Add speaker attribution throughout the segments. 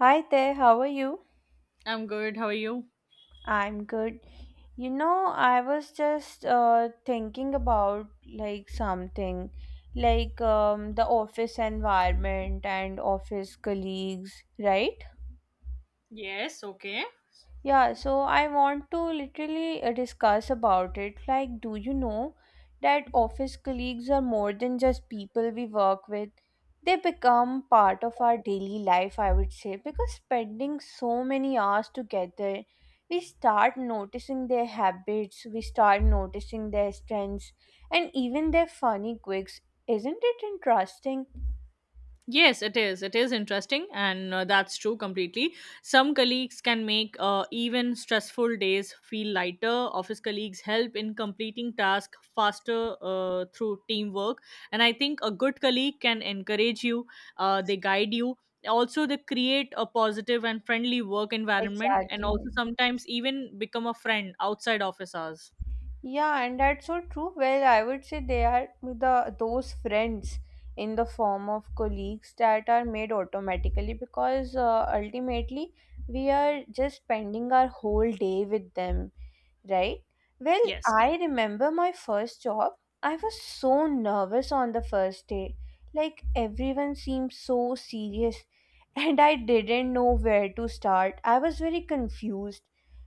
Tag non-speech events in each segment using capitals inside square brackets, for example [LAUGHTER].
Speaker 1: Hi there, how are you?
Speaker 2: I'm good. How are you?
Speaker 1: I'm good. You know, I was just thinking about like something like the office environment and office colleagues, right?
Speaker 2: Yes, okay.
Speaker 1: Yeah, so I want to literally discuss about it. Like, do you know that office colleagues are more than just people we work with? They become part of our daily life, I would say, because spending so many hours together, we start noticing their habits, we start noticing their strengths, and even their funny quirks. Isn't it interesting?
Speaker 2: Yes, it is. It is interesting, and that's true completely. Some colleagues can make even stressful days feel lighter. Office colleagues help in completing tasks faster through teamwork, and I think a good colleague can encourage you. They guide you. Also, they create a positive and friendly work environment, and
Speaker 1: Exactly.
Speaker 2: also sometimes even become a friend outside office hours.
Speaker 1: Yeah, and that's so true. Well, I would say they are the those friends in the form of colleagues that are made automatically because ultimately we are just spending our whole day with them, right? Well,
Speaker 2: Yes.
Speaker 1: I remember my first job. I was so nervous on the first day. Like everyone seemed so serious, [LAUGHS] and I didn't know where to start. I was very confused.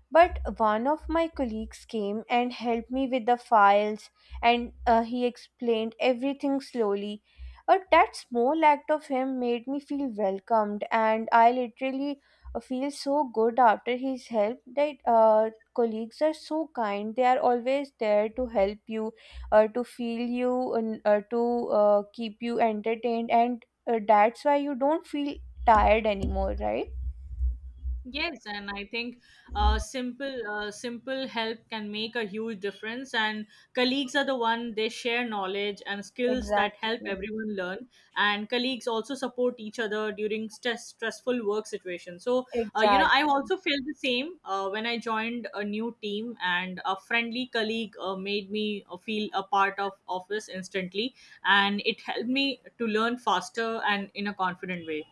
Speaker 1: But one of my colleagues came and helped me with the files, and he explained everything slowly. That small act of him made me feel welcomed, and I literally feel so good after his help that colleagues are so kind, they are always there to help you, to feel you, and to keep you entertained, and that's why you don't feel tired anymore, right?
Speaker 2: Yes, and I think simple help can make a huge difference. And colleagues are the one they share knowledge and skills that help
Speaker 1: Exactly.
Speaker 2: everyone learn. And colleagues also support each other during stressful work situations. So you know,
Speaker 1: Exactly.
Speaker 2: I also felt the same when I joined a new team, and a friendly colleague made me feel a part of office instantly, and it helped me to learn faster and in a confident way.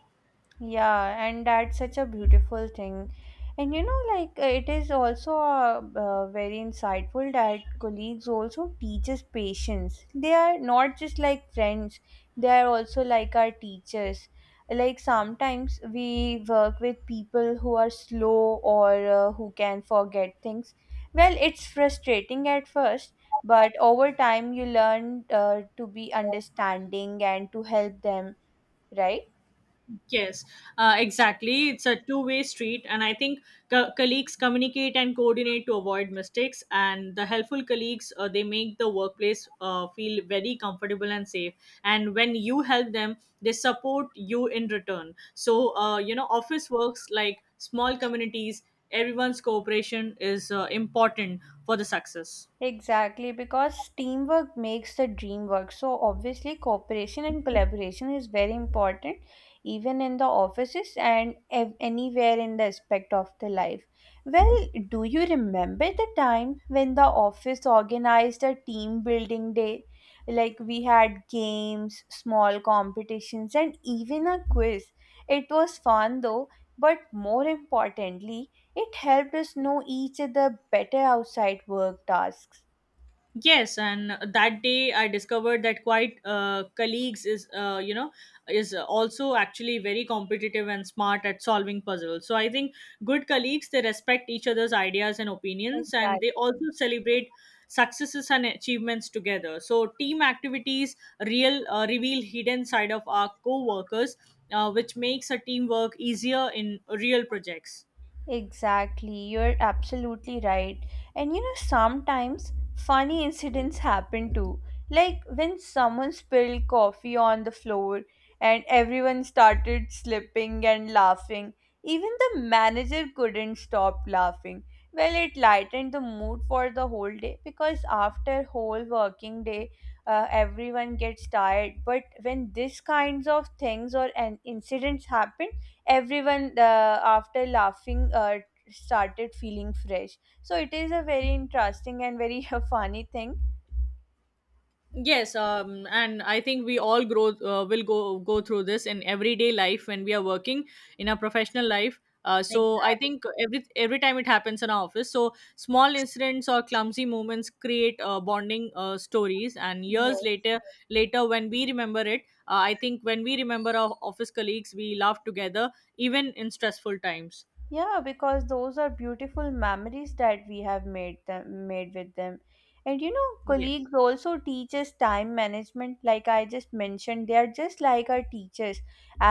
Speaker 1: Yeah, and that's such a beautiful thing. And you know, like it is also very insightful that colleagues also teaches patience. They are not just like friends; they are also like our teachers. Like sometimes we work with people who are slow, or who can forget things. Well, it's frustrating at first, but over time you learn to be understanding and to help them, right?
Speaker 2: Yes, exactly. It's a two-way street, and I think colleagues communicate and coordinate to avoid mistakes. And the helpful colleagues, they make the workplace feel very comfortable and safe. And when you help them, they support you in return. So, you know, office works like small communities, everyone's cooperation is important for the success.
Speaker 1: Exactly, because teamwork makes the dream work. So, obviously, cooperation and collaboration is very important, even in the offices and anywhere in the aspect of the life. Well, do you remember the time when the office organized a team building day? Like, we had games, small competitions, and even a quiz. It was fun though, but more importantly, it helped us know each other better outside work tasks.
Speaker 2: Yes, and that day I discovered that quite colleagues is is also actually very competitive and smart at solving puzzles. So I think good colleagues they respect each other's ideas and opinions, and
Speaker 1: Exactly.
Speaker 2: they also celebrate successes and achievements together. So team activities real reveal hidden side of our co-workers, which makes a teamwork easier in real projects.
Speaker 1: Exactly, you're absolutely right. And you know, sometimes funny incidents happen too. Like when someone spilled coffee on the floor and everyone started slipping and laughing. Even the manager couldn't stop laughing. Well, it lightened the mood for the whole day because after whole working day, everyone gets tired. But when these kinds of things or an incidents happen, everyone, after laughing, started feeling fresh, so it is a very interesting and very [LAUGHS] funny thing.
Speaker 2: Yes, and I think we all grow will go through this in everyday life when we are working in our professional life. So I
Speaker 1: Exactly.
Speaker 2: think every time it happens in our office, so small incidents or clumsy moments create bonding stories, and years
Speaker 1: Yes.
Speaker 2: later, later when we remember it, I think when we remember our office colleagues, we laugh together even in stressful times.
Speaker 1: Yeah, because those are beautiful memories that we have made with them. And you know,
Speaker 2: Yes.
Speaker 1: colleagues also teach us time management, like I just mentioned. They are just like our teachers.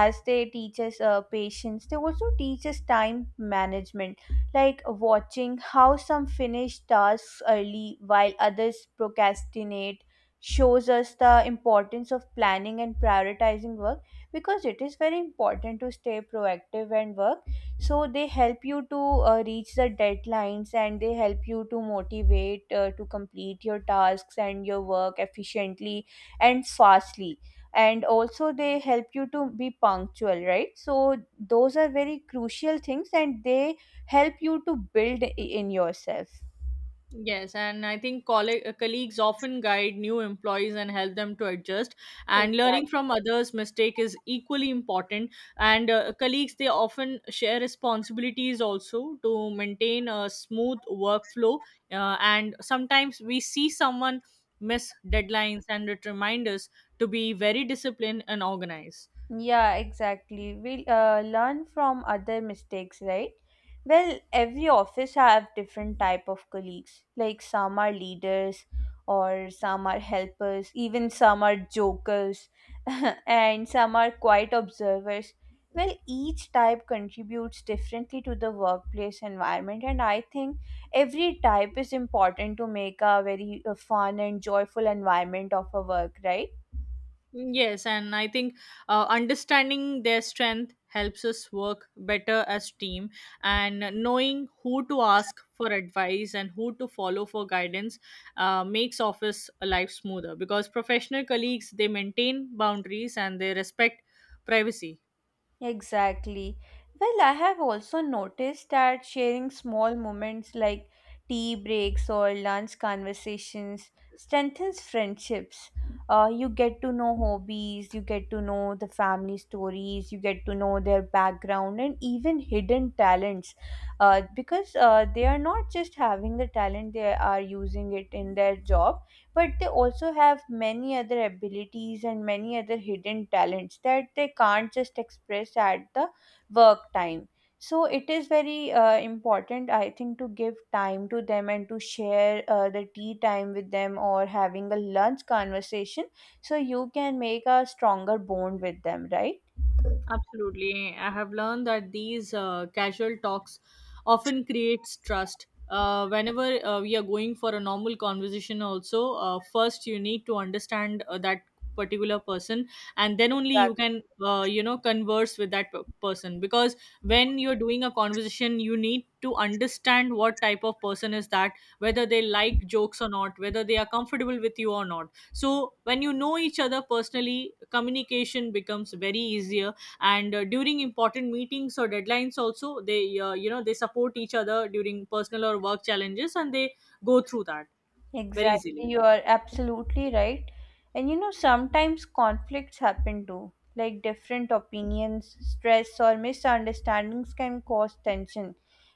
Speaker 1: As they teach us patience, they also teach us time management, like watching how some finish tasks early while others procrastinate shows us the importance of planning and prioritizing work, because it is very important to stay proactive and work. So they help you to reach the deadlines, and they help you to motivate to complete your tasks and your work efficiently and fastly. And also they help you to be punctual, right? So those are very crucial things, and they help you to build in yourself.
Speaker 2: Yes, and I think colleagues often guide new employees and help them to adjust. And learning
Speaker 1: Exactly.
Speaker 2: from others' mistake is equally important. And colleagues they often share responsibilities also to maintain a smooth workflow. And sometimes we see someone miss deadlines, and it reminds us to be very disciplined and organized.
Speaker 1: Yeah, exactly. We learn from other mistakes, right? Well, every office have different type of colleagues. Like some are leaders, or some are helpers, even some are jokers, [LAUGHS] and some are quiet observers. Well, each type contributes differently to the workplace environment, and I think every type is important to make a very fun and joyful environment of a work, right?
Speaker 2: Yes, and I think understanding their strength helps us work better as team, and knowing who to ask for advice and who to follow for guidance makes office life smoother, because professional colleagues they maintain boundaries and they respect privacy.
Speaker 1: Exactly. Well, I have also noticed that sharing small moments like tea breaks or lunch conversations strengthens friendships. You get to know hobbies, you get to know the family stories, you get to know their background and even hidden talents. Because They are not just having the talent, they are using it in their job, but they also have many other abilities and many other hidden talents that they can't just express at the work time. So it is very important, I think, to give time to them and to share the tea time with them or having a lunch conversation, so you can make a stronger bond with them, right?
Speaker 2: Absolutely. I have learned that these casual talks often creates trust. Whenever we are going for a normal conversation also, first you need to understand that particular person, and then only you can converse with that person, because when you're doing a conversation you need to understand what type of person is that, whether they like jokes or not, whether they are comfortable with you or not. So when you know each other personally, communication becomes very easier. And during important meetings or deadlines also they they support each other during personal or work challenges, and they go through that very easily.
Speaker 1: Exactly, you are absolutely right. And you know, sometimes conflicts happen too, like different opinions, stress, or misunderstandings can cause tension.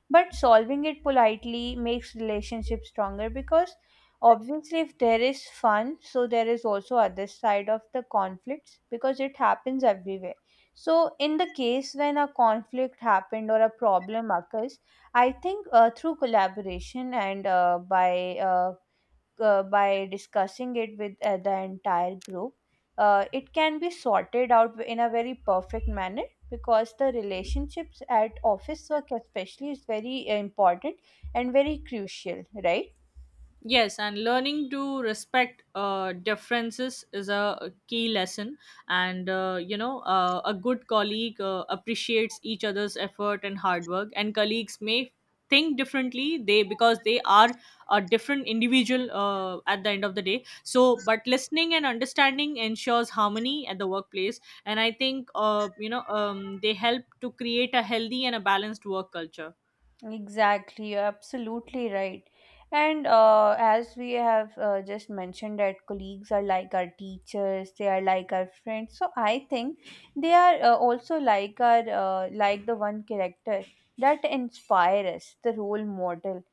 Speaker 1: But solving it politely makes relationships stronger, because obviously, if there is fun, so there is also other side of the conflicts, because it happens everywhere. So, in the case when a conflict happened or a problem occurs, I think through collaboration and by discussing it with the entire group, it can be sorted out in a very perfect manner, because the relationships at office work especially is very important and very crucial, right?
Speaker 2: Yes, and learning to respect differences is a key lesson. And, a good colleague appreciates each other's effort and hard work. And colleagues may think differently they because they are a different individual at the end of the day. So but listening and understanding ensures harmony at the workplace, and I think they help to create a healthy and a balanced work culture.
Speaker 1: Exactly, you're absolutely right. And as we have just mentioned, that colleagues are like our teachers, they are like our friends. So I think they are also like our like the one character that inspire us, the role model.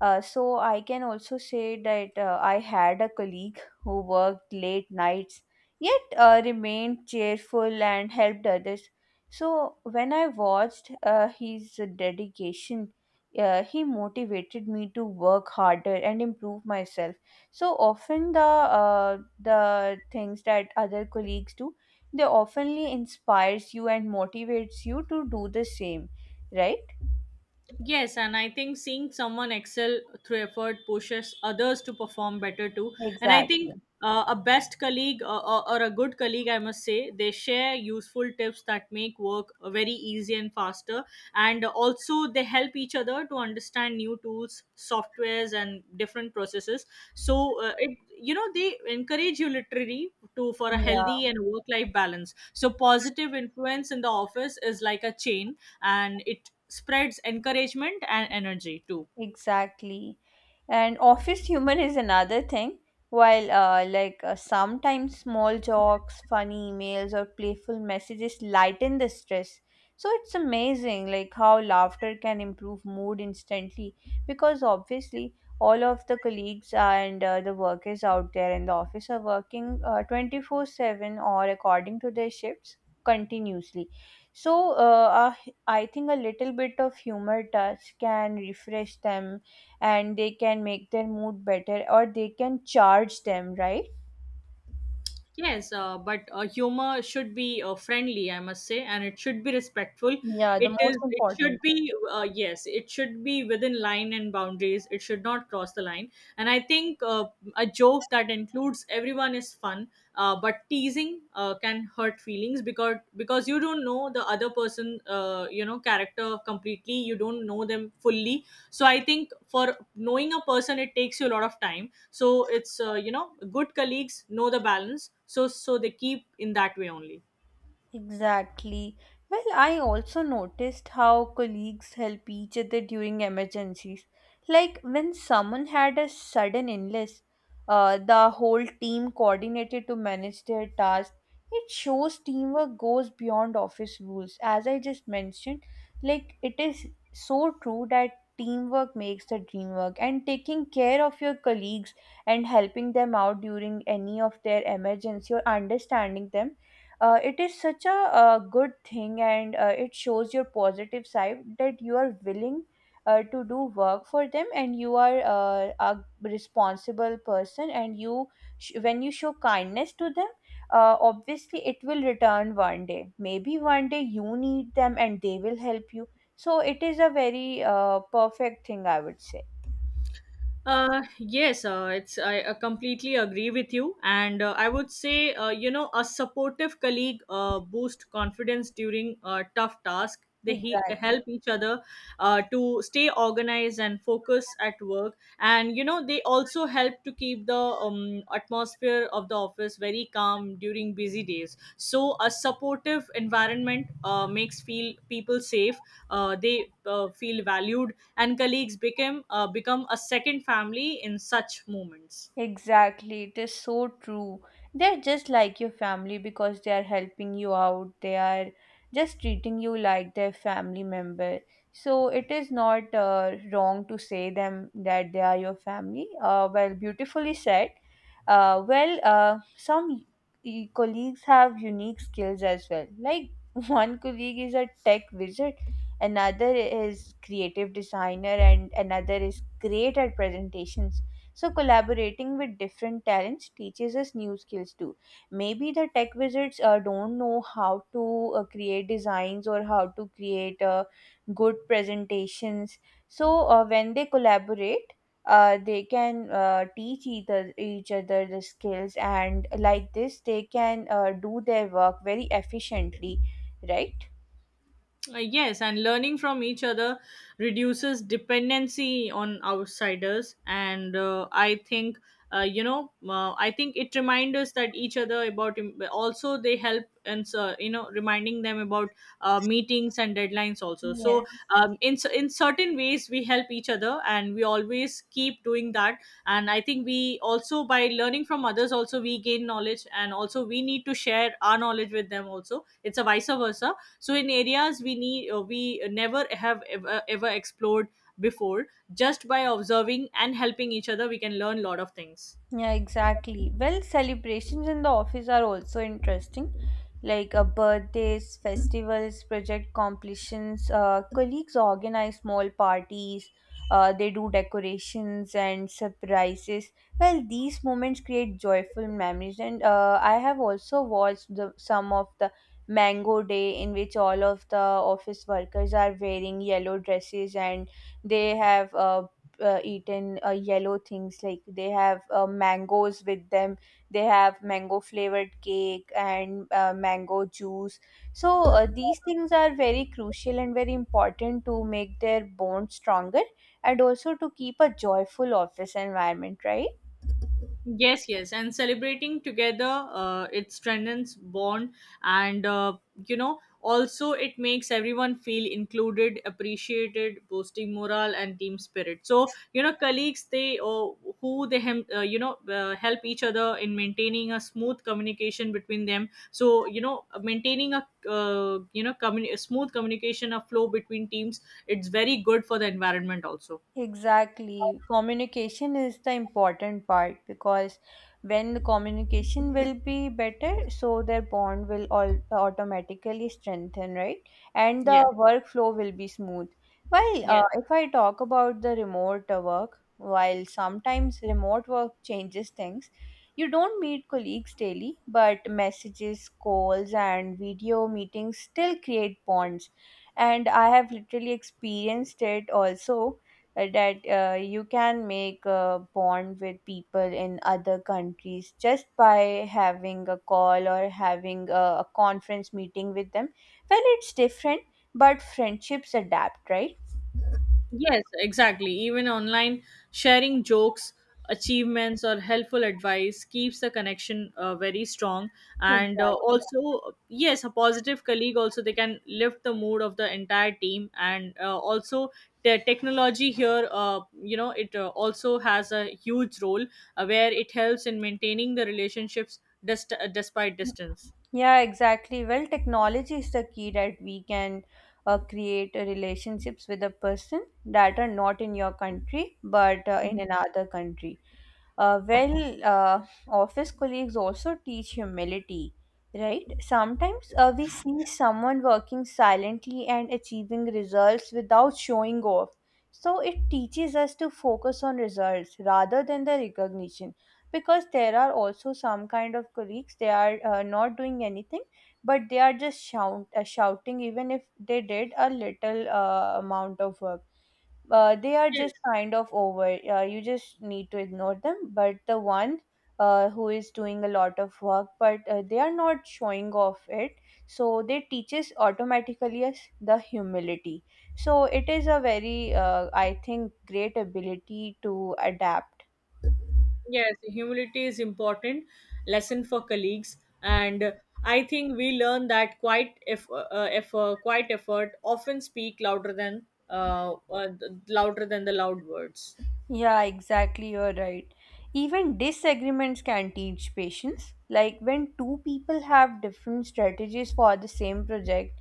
Speaker 1: So I can also say that I had a colleague who worked late nights, yet remained cheerful and helped others. So when I watched his dedication, he motivated me to work harder and improve myself. So often the things that other colleagues do, they oftenly inspires you and motivates you to do the same, right?
Speaker 2: Yes, and I think seeing someone excel through effort pushes others to perform better too. And I
Speaker 1: Exactly.
Speaker 2: think a best colleague or a good colleague, I must say, they share useful tips that make work very easy and faster. And also, they help each other to understand new tools, softwares, and different processes. So it, you know, they encourage you literally to for a
Speaker 1: Yeah.
Speaker 2: healthy and work life balance. So positive influence in the office is like a chain, and it spreads encouragement and energy too.
Speaker 1: Exactly. And office humor is another thing. While, sometimes small jokes, funny emails, or playful messages lighten the stress. So it's amazing, like, how laughter can improve mood instantly. Because obviously, all of the colleagues and the workers out there in the office are working 24/7 or according to their shifts continuously. So, a I think a little bit of humor touch can refresh them, and they can make their mood better, or they can charge them, right?
Speaker 2: Yes, but humor should be friendly, I must say, and it should be respectful.
Speaker 1: Yeah, the
Speaker 2: It is.
Speaker 1: most
Speaker 2: It
Speaker 1: important
Speaker 2: should
Speaker 1: thing.
Speaker 2: be. Yes, it should be within line and boundaries. It should not cross the line. And I think a joke that includes everyone is fun. But teasing can hurt feelings, because you don't know the other person, character completely. You don't know them fully. So I think for knowing a person, it takes you a lot of time. So it's good colleagues know the balance, so they keep in that way only.
Speaker 1: Exactly. Well, I also noticed how colleagues help each other during emergencies. Like when someone had a sudden illness, the whole team coordinated to manage their task. It shows teamwork goes beyond office rules. As I just mentioned, like it is so true that teamwork makes the dream work, and taking care of your colleagues and helping them out during any of their emergency or understanding them, it is such a good thing, and it shows your positive side that you are willing to do work for them, and you are a responsible person, and when you show kindness to them, obviously it will return one day, maybe one day you need them and they will help you. So it is a very perfect thing, I would say.
Speaker 2: Yes, it's I completely agree with you, and I would say you know, a supportive colleague boost confidence during tough task. They
Speaker 1: Exactly.
Speaker 2: help each other to stay organized and focus at work, and you know they also help to keep the atmosphere of the office very calm during busy days. So a supportive environment makes feel people safe. They feel valued, and colleagues became become a second family in such moments.
Speaker 1: Exactly, it is so true. They're just like your family because they are helping you out. They are just treating you like their family member. So it is not wrong to say them that they are your family. Well, beautifully said. Some colleagues have unique skills as well. Like [LAUGHS] one colleague is a tech wizard, another is creative designer, and another is great at presentations. So, collaborating with different talents teaches us new skills too. Maybe the tech wizards don't know how to create designs or how to create good presentations. So, when they collaborate, they can teach each other the skills, and like this, they can do their work very efficiently, right?
Speaker 2: Yes, and learning from each other reduces dependency on outsiders. And I think, I think it reminds us that each other about, also, they help, and, you know, reminding them about meetings and deadlines also.
Speaker 1: Yeah.
Speaker 2: So, in, in certain ways, we help each other and we always keep doing that. And I think we also, by learning from others, also, we gain knowledge, and also we need to share our knowledge with them also. It's a vice versa. So in areas we need we never have ever explored before, just by observing and helping each other we can learn a lot of things.
Speaker 1: Yeah, exactly. Well, celebrations in the office are also interesting, like birthdays, festivals, project completions. Colleagues organize small parties, they do decorations and surprises. Well, these moments create joyful memories, and I have also watched some of the Mango Day in which all of the office workers are wearing yellow dresses, and they have eaten yellow things, like they have mangoes with them, they have mango flavored cake and mango juice. So these things are very crucial and very important to make their bond stronger, and also to keep a joyful office environment, right?
Speaker 2: Yes, yes, and celebrating together, it strengthens bond, and also it makes everyone feel included, appreciated, boosting morale and team spirit. So you know, colleagues, they or who they hem, help each other in maintaining a smooth communication between them. So you know, maintaining a a smooth communication, a flow between teams, it's very good for the environment also.
Speaker 1: Exactly. Communication is the important part because when the communication will be better, so their bond will all automatically strengthen, right? And the
Speaker 2: Yes.
Speaker 1: workflow will be smooth. While
Speaker 2: Yes.
Speaker 1: if I talk about the remote work, while sometimes remote work changes things, you don't meet colleagues daily, but messages, calls, and video meetings still create bonds. And I have literally experienced it also that you can make a bond with people in other countries just by having a call or having a conference meeting with them. Well, it's different, but friendships adapt, right?
Speaker 2: Yes, exactly. Even online, sharing jokes, achievements, or helpful advice keeps the connection very strong. And
Speaker 1: Exactly.
Speaker 2: also, yes, a positive colleague also they can lift the mood of the entire team. And also, the technology here, it also has a huge role where it helps in maintaining the relationships despite distance.
Speaker 1: Yeah, exactly. Well, technology is the key that we can create relationships with a person that are not in your country but in another country. Uh, well, uh, Office colleagues also teach humility, right? Sometimes we see someone working silently and achieving results without showing off. So it teaches us to focus on results rather than the recognition. Because there are also some kind of colleagues, they are not doing anything, but they are just shouting even if they did a little amount of work they are just
Speaker 2: Yes.
Speaker 1: kind of over. You just need to ignore them. But the one who is doing a lot of work, but they are not showing off it, so they teaches automatically us the humility. So it is a very, I think, great ability to adapt.
Speaker 2: Yes, humility is important lesson for colleagues, and I think we learn that quite if quite effort often speak louder than louder than the loud words.
Speaker 1: Yeah, exactly. You're right. Even disagreements can teach patience. Like when two people have different strategies for the same project,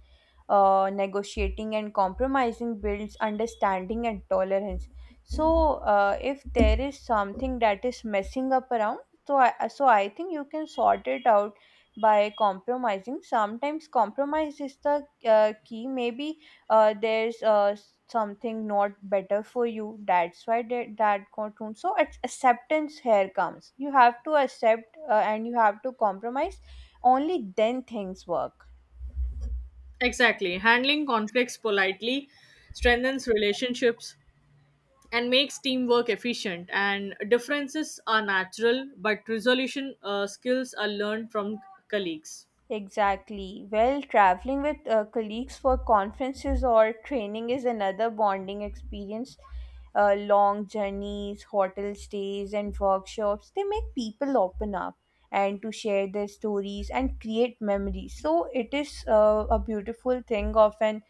Speaker 1: negotiating and compromising builds understanding and tolerance. So, if there is something that is messing up around, so I think you can sort it out by compromising. Sometimes compromise is the key. Maybe there's something not better for you, that's why they, that cartoon, so it's acceptance here comes, you have to accept and you have to compromise, only then things work.
Speaker 2: Exactly, handling conflicts politely strengthens relationships and makes teamwork efficient. And differences are natural, but resolution skills are learned from colleagues.
Speaker 1: Exactly. Well, traveling with colleagues for conferences or training is another bonding experience. Long journeys, hotel stays, and workshops, they make people open up and to share their stories and create memories. So it is a beautiful thing of an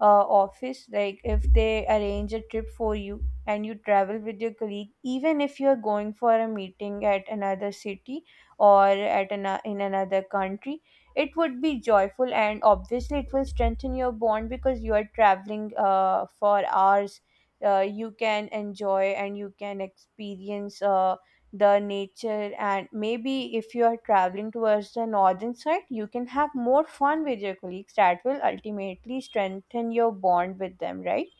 Speaker 1: office. Like if they arrange a trip for you and you travel with your colleague, even if you're going for a meeting at another city or at in another country, it would be joyful and obviously it will strengthen your bond because you are traveling for hours. You can enjoy and you can experience the nature, and maybe if you are traveling towards the northern side you can have more fun with your colleagues that will ultimately strengthen your bond with them, right?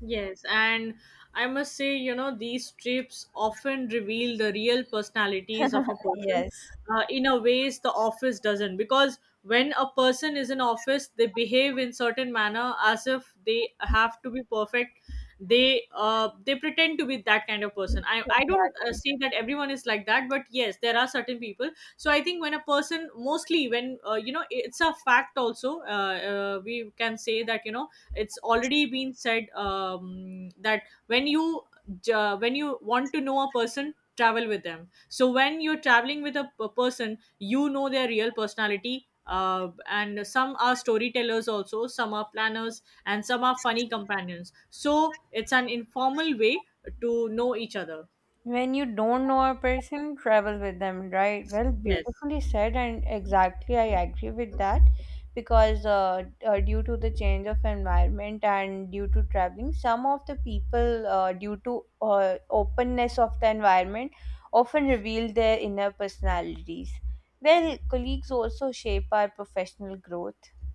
Speaker 2: Yes, and I must say, you know, these trips often reveal the real personalities of a person
Speaker 1: Yes,
Speaker 2: in a ways the office doesn't. Because when a person is in office, they behave in certain manner as if they have to be perfect. They pretend to be that kind of person. I don't
Speaker 1: exactly.
Speaker 2: say that everyone is like that, but yes, there are certain people. So I think when a person, mostly when you know, it's a fact also. We can say that you know it's already been said that when you when you want to know a person, travel with them. So when you're traveling with a person you know their real personality. And some are storytellers also, some are planners, and some are funny companions. So it's an informal way to know each other.
Speaker 1: When you don't know a person, travel with them, right? Well,
Speaker 2: Yes.
Speaker 1: beautifully said, and exactly I agree with that because due to the change of environment and due to traveling, some of the people, due to openness of the environment, often reveal their inner personalities. Well, colleagues also shape our professional growth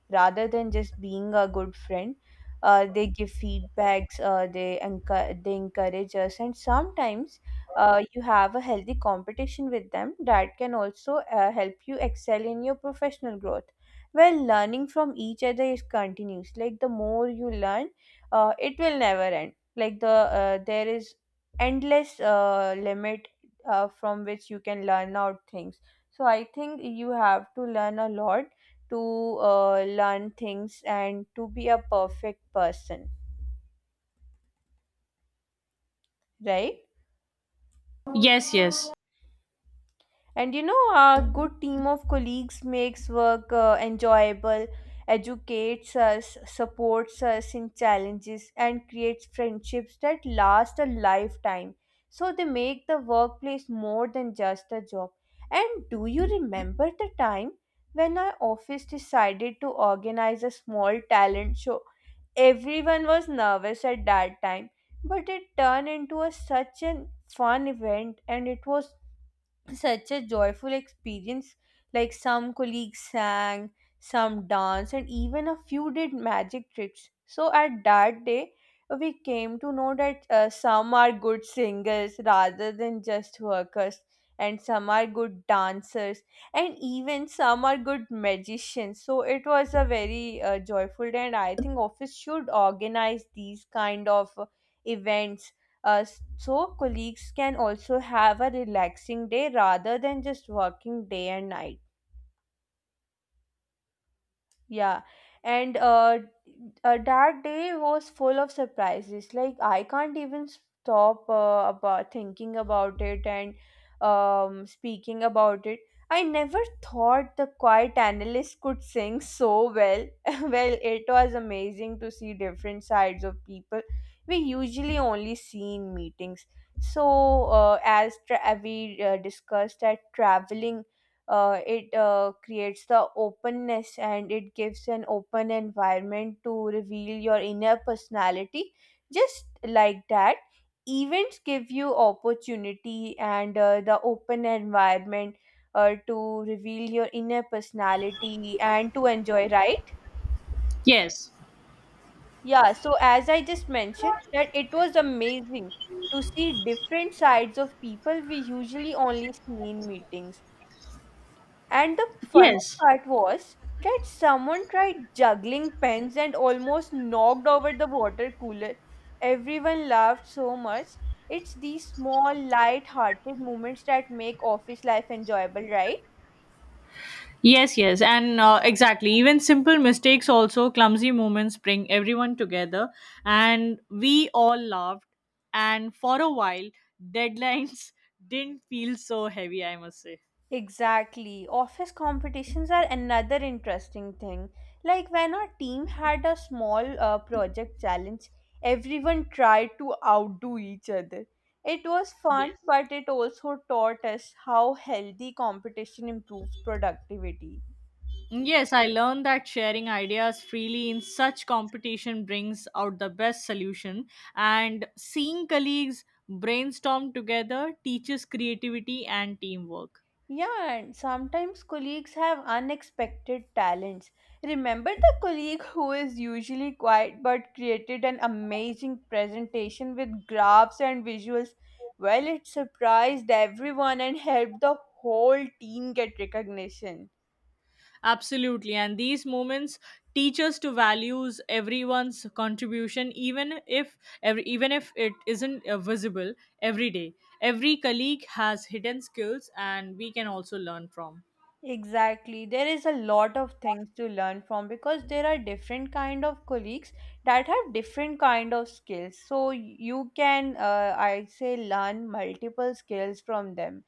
Speaker 1: rather than just being a good friend. They give feedbacks, they encourage us, and sometimes you have a healthy competition with them that can also help you excel in your professional growth. Well, learning from each other is continuous. Like the more you learn, it will never end. There is endless limit from which you can learn out things. So I think you have to learn a lot to learn things and to be a perfect person, right?
Speaker 2: Yes. Yes.
Speaker 1: And you know, a good team of colleagues makes work enjoyable, educates us, supports us in challenges, and creates friendships that last a lifetime. So they make the workplace more than just a job. And do you remember the time when our office decided to organize a small talent show? Everyone was nervous at that time, but it turned into such a fun event, and it was such a joyful experience. Like some colleagues sang, some danced, and even a few did magic tricks. So at that day, we came to know that some are good singers rather than just workers, and some are good dancers, and even some are good magicians. So it was a very joyful day, and I think office should organize these kind of events so colleagues can also have a relaxing day rather than just working day and night. Yeah, and that day was full of surprises. Like I can't even stop about thinking about it and speaking about it. I never thought the quiet analyst could sing so well. [LAUGHS] Well, it was amazing to see different sides of people we usually only see in meetings. So, we discussed that traveling, it creates the openness and it gives an open environment to reveal your inner personality. Just like that, events give you opportunity and the open environment to reveal your inner personality and to enjoy, right?
Speaker 2: Yes.
Speaker 1: Yeah, so as I just mentioned, that it was amazing to see different sides of people we usually only see in meetings. And the funny
Speaker 2: Yes.
Speaker 1: part was that someone tried juggling pens and almost knocked over the water cooler. Everyone laughed so much. It's these small, light hearted moments that make office life enjoyable, right?
Speaker 2: Yes, yes, and exactly. Even simple mistakes, also clumsy moments, bring everyone together, and we all laughed. And for a while, deadlines [LAUGHS] didn't feel so heavy. I must say.
Speaker 1: Exactly. Office competitions are another interesting thing. Like when our team had a small project challenge, everyone tried to outdo each other. It was fun,
Speaker 2: Yes.
Speaker 1: but it also taught us how healthy competition improves productivity.
Speaker 2: Yes, I learned that sharing ideas freely in such competition brings out the best solution, and seeing colleagues brainstorm together teaches creativity and teamwork.
Speaker 1: Yeah, and sometimes colleagues have unexpected talents. Remember the colleague [LAUGHS] who is usually quiet but created an amazing presentation with graphs and visuals? Well, it surprised everyone and helped the whole team get recognition.
Speaker 2: Absolutely. And these moments teach us to values everyone's contribution, even if it isn't visible every day. Every colleague has hidden skills, and we can also learn from.
Speaker 1: Exactly. There is a lot of things to learn from because there are different kind of colleagues that have different kind of skills. So you can, I say, learn multiple skills from them.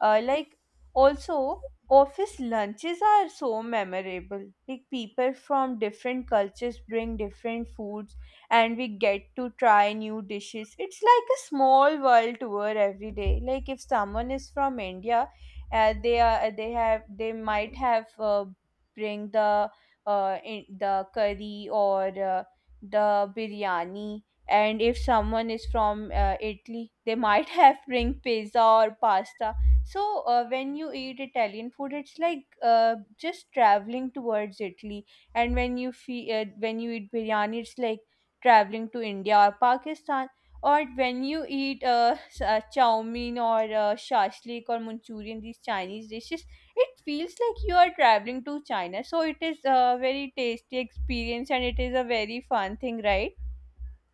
Speaker 1: Like also, office lunches are so memorable. Like people from different cultures bring different foods and we get to try new dishes. It's like a small world tour every day. Like if someone is from India, they might have bring the the curry or the biryani, and if someone is from italy they [LAUGHS] might have bring pizza or pasta. So when you eat Italian food, it's like just traveling towards Italy, and when when you eat biryani, it's like traveling to India or Pakistan. Or when you eat chow mein or shashlik or Manchurian, these Chinese dishes, it feels like you are traveling to China. So it is a very tasty experience, and it is a very fun thing, right?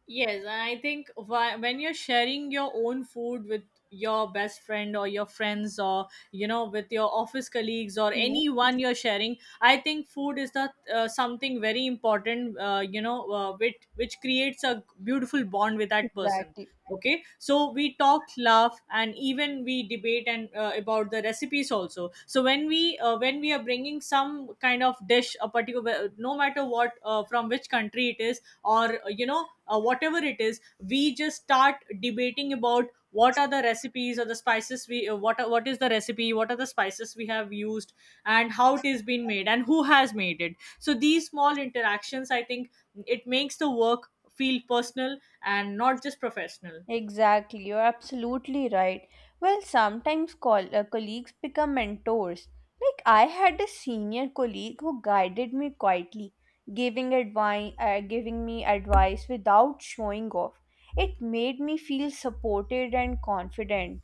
Speaker 2: Yes, and I think why, when you're sharing your own food with your best friend or your friends or with your office colleagues or
Speaker 1: Hmm.
Speaker 2: anyone you're sharing, I think food is the something very important, which creates a beautiful bond with that person.
Speaker 1: Exactly.
Speaker 2: Okay, so we talk, laugh, and even we debate and about the recipes also. So when we are bringing some kind of dish, a particular, no matter what, from which country it is, or whatever it is, we just start debating about what are the recipes or the spices we what is the recipe, what are the spices we have used, and how it is been made and who has made it. So these small interactions, I think, it makes the work feel personal and not just professional.
Speaker 1: Exactly, you're absolutely right. Well, sometimes colleagues become mentors. Like, I had a senior colleague who guided me quietly, giving advice, giving me advice without showing off. It made me feel supported and confident.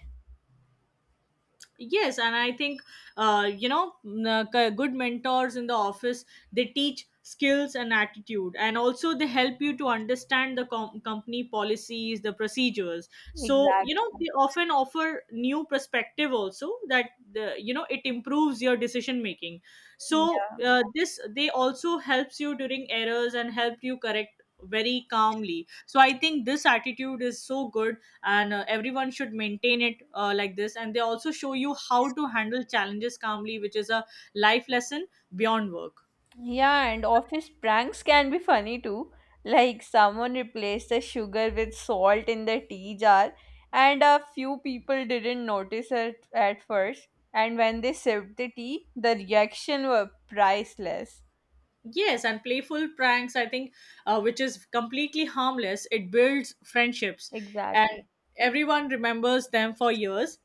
Speaker 2: Yes, and I think, good mentors in the office, they teach skills and attitude, and also they help you to understand the company policies, the procedures. So you know,
Speaker 1: Exactly.
Speaker 2: they often offer new perspective also, that the, you know it improves your decision making. So
Speaker 1: Yeah.
Speaker 2: this, they also helps you during errors and help you correct very calmly. So I think this attitude is so good, and everyone should maintain it like this. And they also show you how to handle challenges calmly, which is a life lesson beyond work.
Speaker 1: Yeah, and office pranks can be funny too. Like someone replaced the sugar with salt in the tea jar, and a few people didn't notice it at first. And when they sipped the tea, the reaction were priceless.
Speaker 2: Yes, and playful pranks, I think, which is completely harmless, it builds friendships,
Speaker 1: Exactly.
Speaker 2: and everyone remembers them for years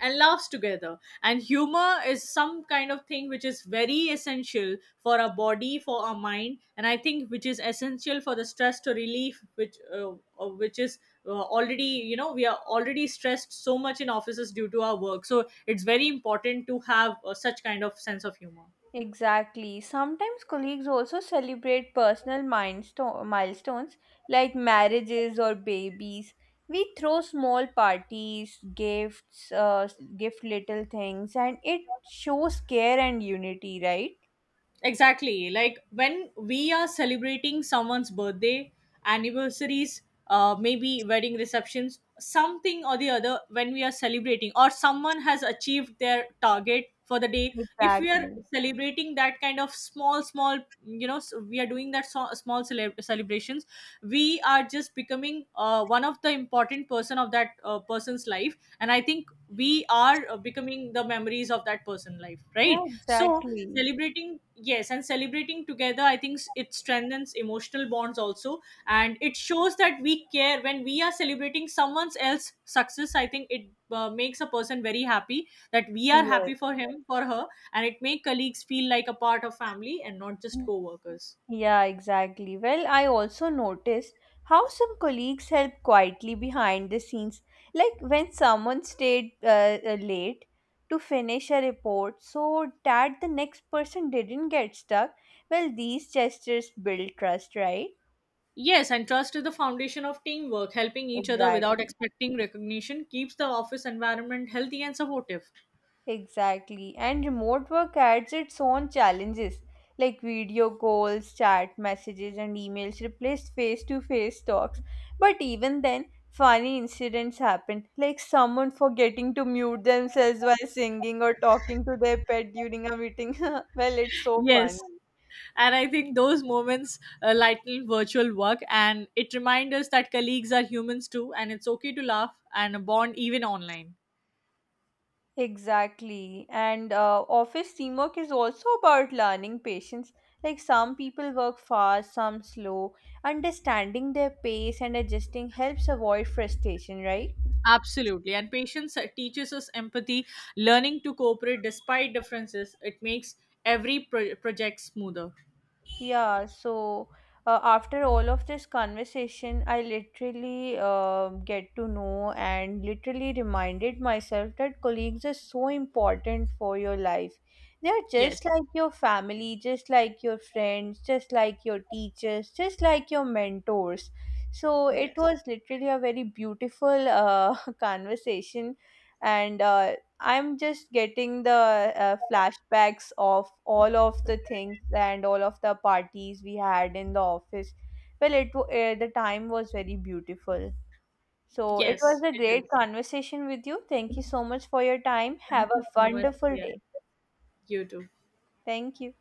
Speaker 2: and laughs together. And humor is some kind of thing which is very essential for our body, for our mind, and I think which is essential for the stress to relief, which is already, you know, we are already stressed so much in offices due to our work. So it's very important to have such kind of sense of humor.
Speaker 1: Exactly. Sometimes colleagues also celebrate personal milestones like marriages or babies. We throw small parties, gifts, gift little things, and it shows care and unity, right?
Speaker 2: Exactly. Like when we are celebrating someone's birthday, anniversaries, maybe wedding receptions, something or the other, when we are celebrating, or someone has achieved their target for the day, if we are
Speaker 1: Exactly.
Speaker 2: celebrating that kind of small, small, you know, s- we are doing that small celebrations, we are just becoming one of the important person of that person's life. And I think we are becoming the memories of that person life, right?
Speaker 1: Yeah,
Speaker 2: So
Speaker 1: exactly.
Speaker 2: celebrating, yes, and celebrating together, I think, it strengthens emotional bonds also, and it shows that we care. When we are celebrating someone else's success, I think it makes a person very happy, that we are
Speaker 1: Yes.
Speaker 2: happy for him, for her, and it make colleagues feel like a part of family and not just co-workers.
Speaker 1: Yeah, exactly. Well, I also noticed how some colleagues help quietly behind the scenes. Like when someone stayed late to finish a report so that the next person didn't get stuck. Well, these gestures build trust, right?
Speaker 2: Yes, and trust is the foundation of teamwork. Helping each other without
Speaker 1: Exactly.
Speaker 2: expecting recognition keeps the office environment healthy and supportive.
Speaker 1: Exactly. And remote work adds its own challenges like video calls, chat messages, and emails replaced face to face talks. But even then, funny incidents happen like someone forgetting to mute themselves while singing or talking to their pet during a meeting. [LAUGHS] Well, it's so funny.
Speaker 2: Yes. And I think those moments lighten virtual work, and it reminds us that colleagues are humans too, and it's okay to laugh and bond even online.
Speaker 1: Exactly. And office teamwork is also about learning patience. Like some people work fast, some slow. Understanding their pace and adjusting helps avoid frustration, right?
Speaker 2: Absolutely. And patience teaches us empathy, learning to cooperate despite differences. It makes every project smoother.
Speaker 1: Yeah, so after all of this conversation, I literally get to know and literally reminded myself that colleagues are so important for your life. They are
Speaker 2: Yes.
Speaker 1: just like your family, just like your friends, just like your teachers, just like your mentors. So it
Speaker 2: Yes.
Speaker 1: was literally a very beautiful [LAUGHS] conversation, and I'm just getting the flashbacks of all of the things and all of the parties we had in the office. Well, the time was very beautiful. So it was
Speaker 2: Yes,
Speaker 1: a
Speaker 2: it
Speaker 1: great
Speaker 2: is.
Speaker 1: conversation with you. Thank you so much for your time.
Speaker 2: Thank
Speaker 1: Have a
Speaker 2: you so much.
Speaker 1: wonderful
Speaker 2: Yeah,
Speaker 1: day.
Speaker 2: you too.
Speaker 1: Thank you.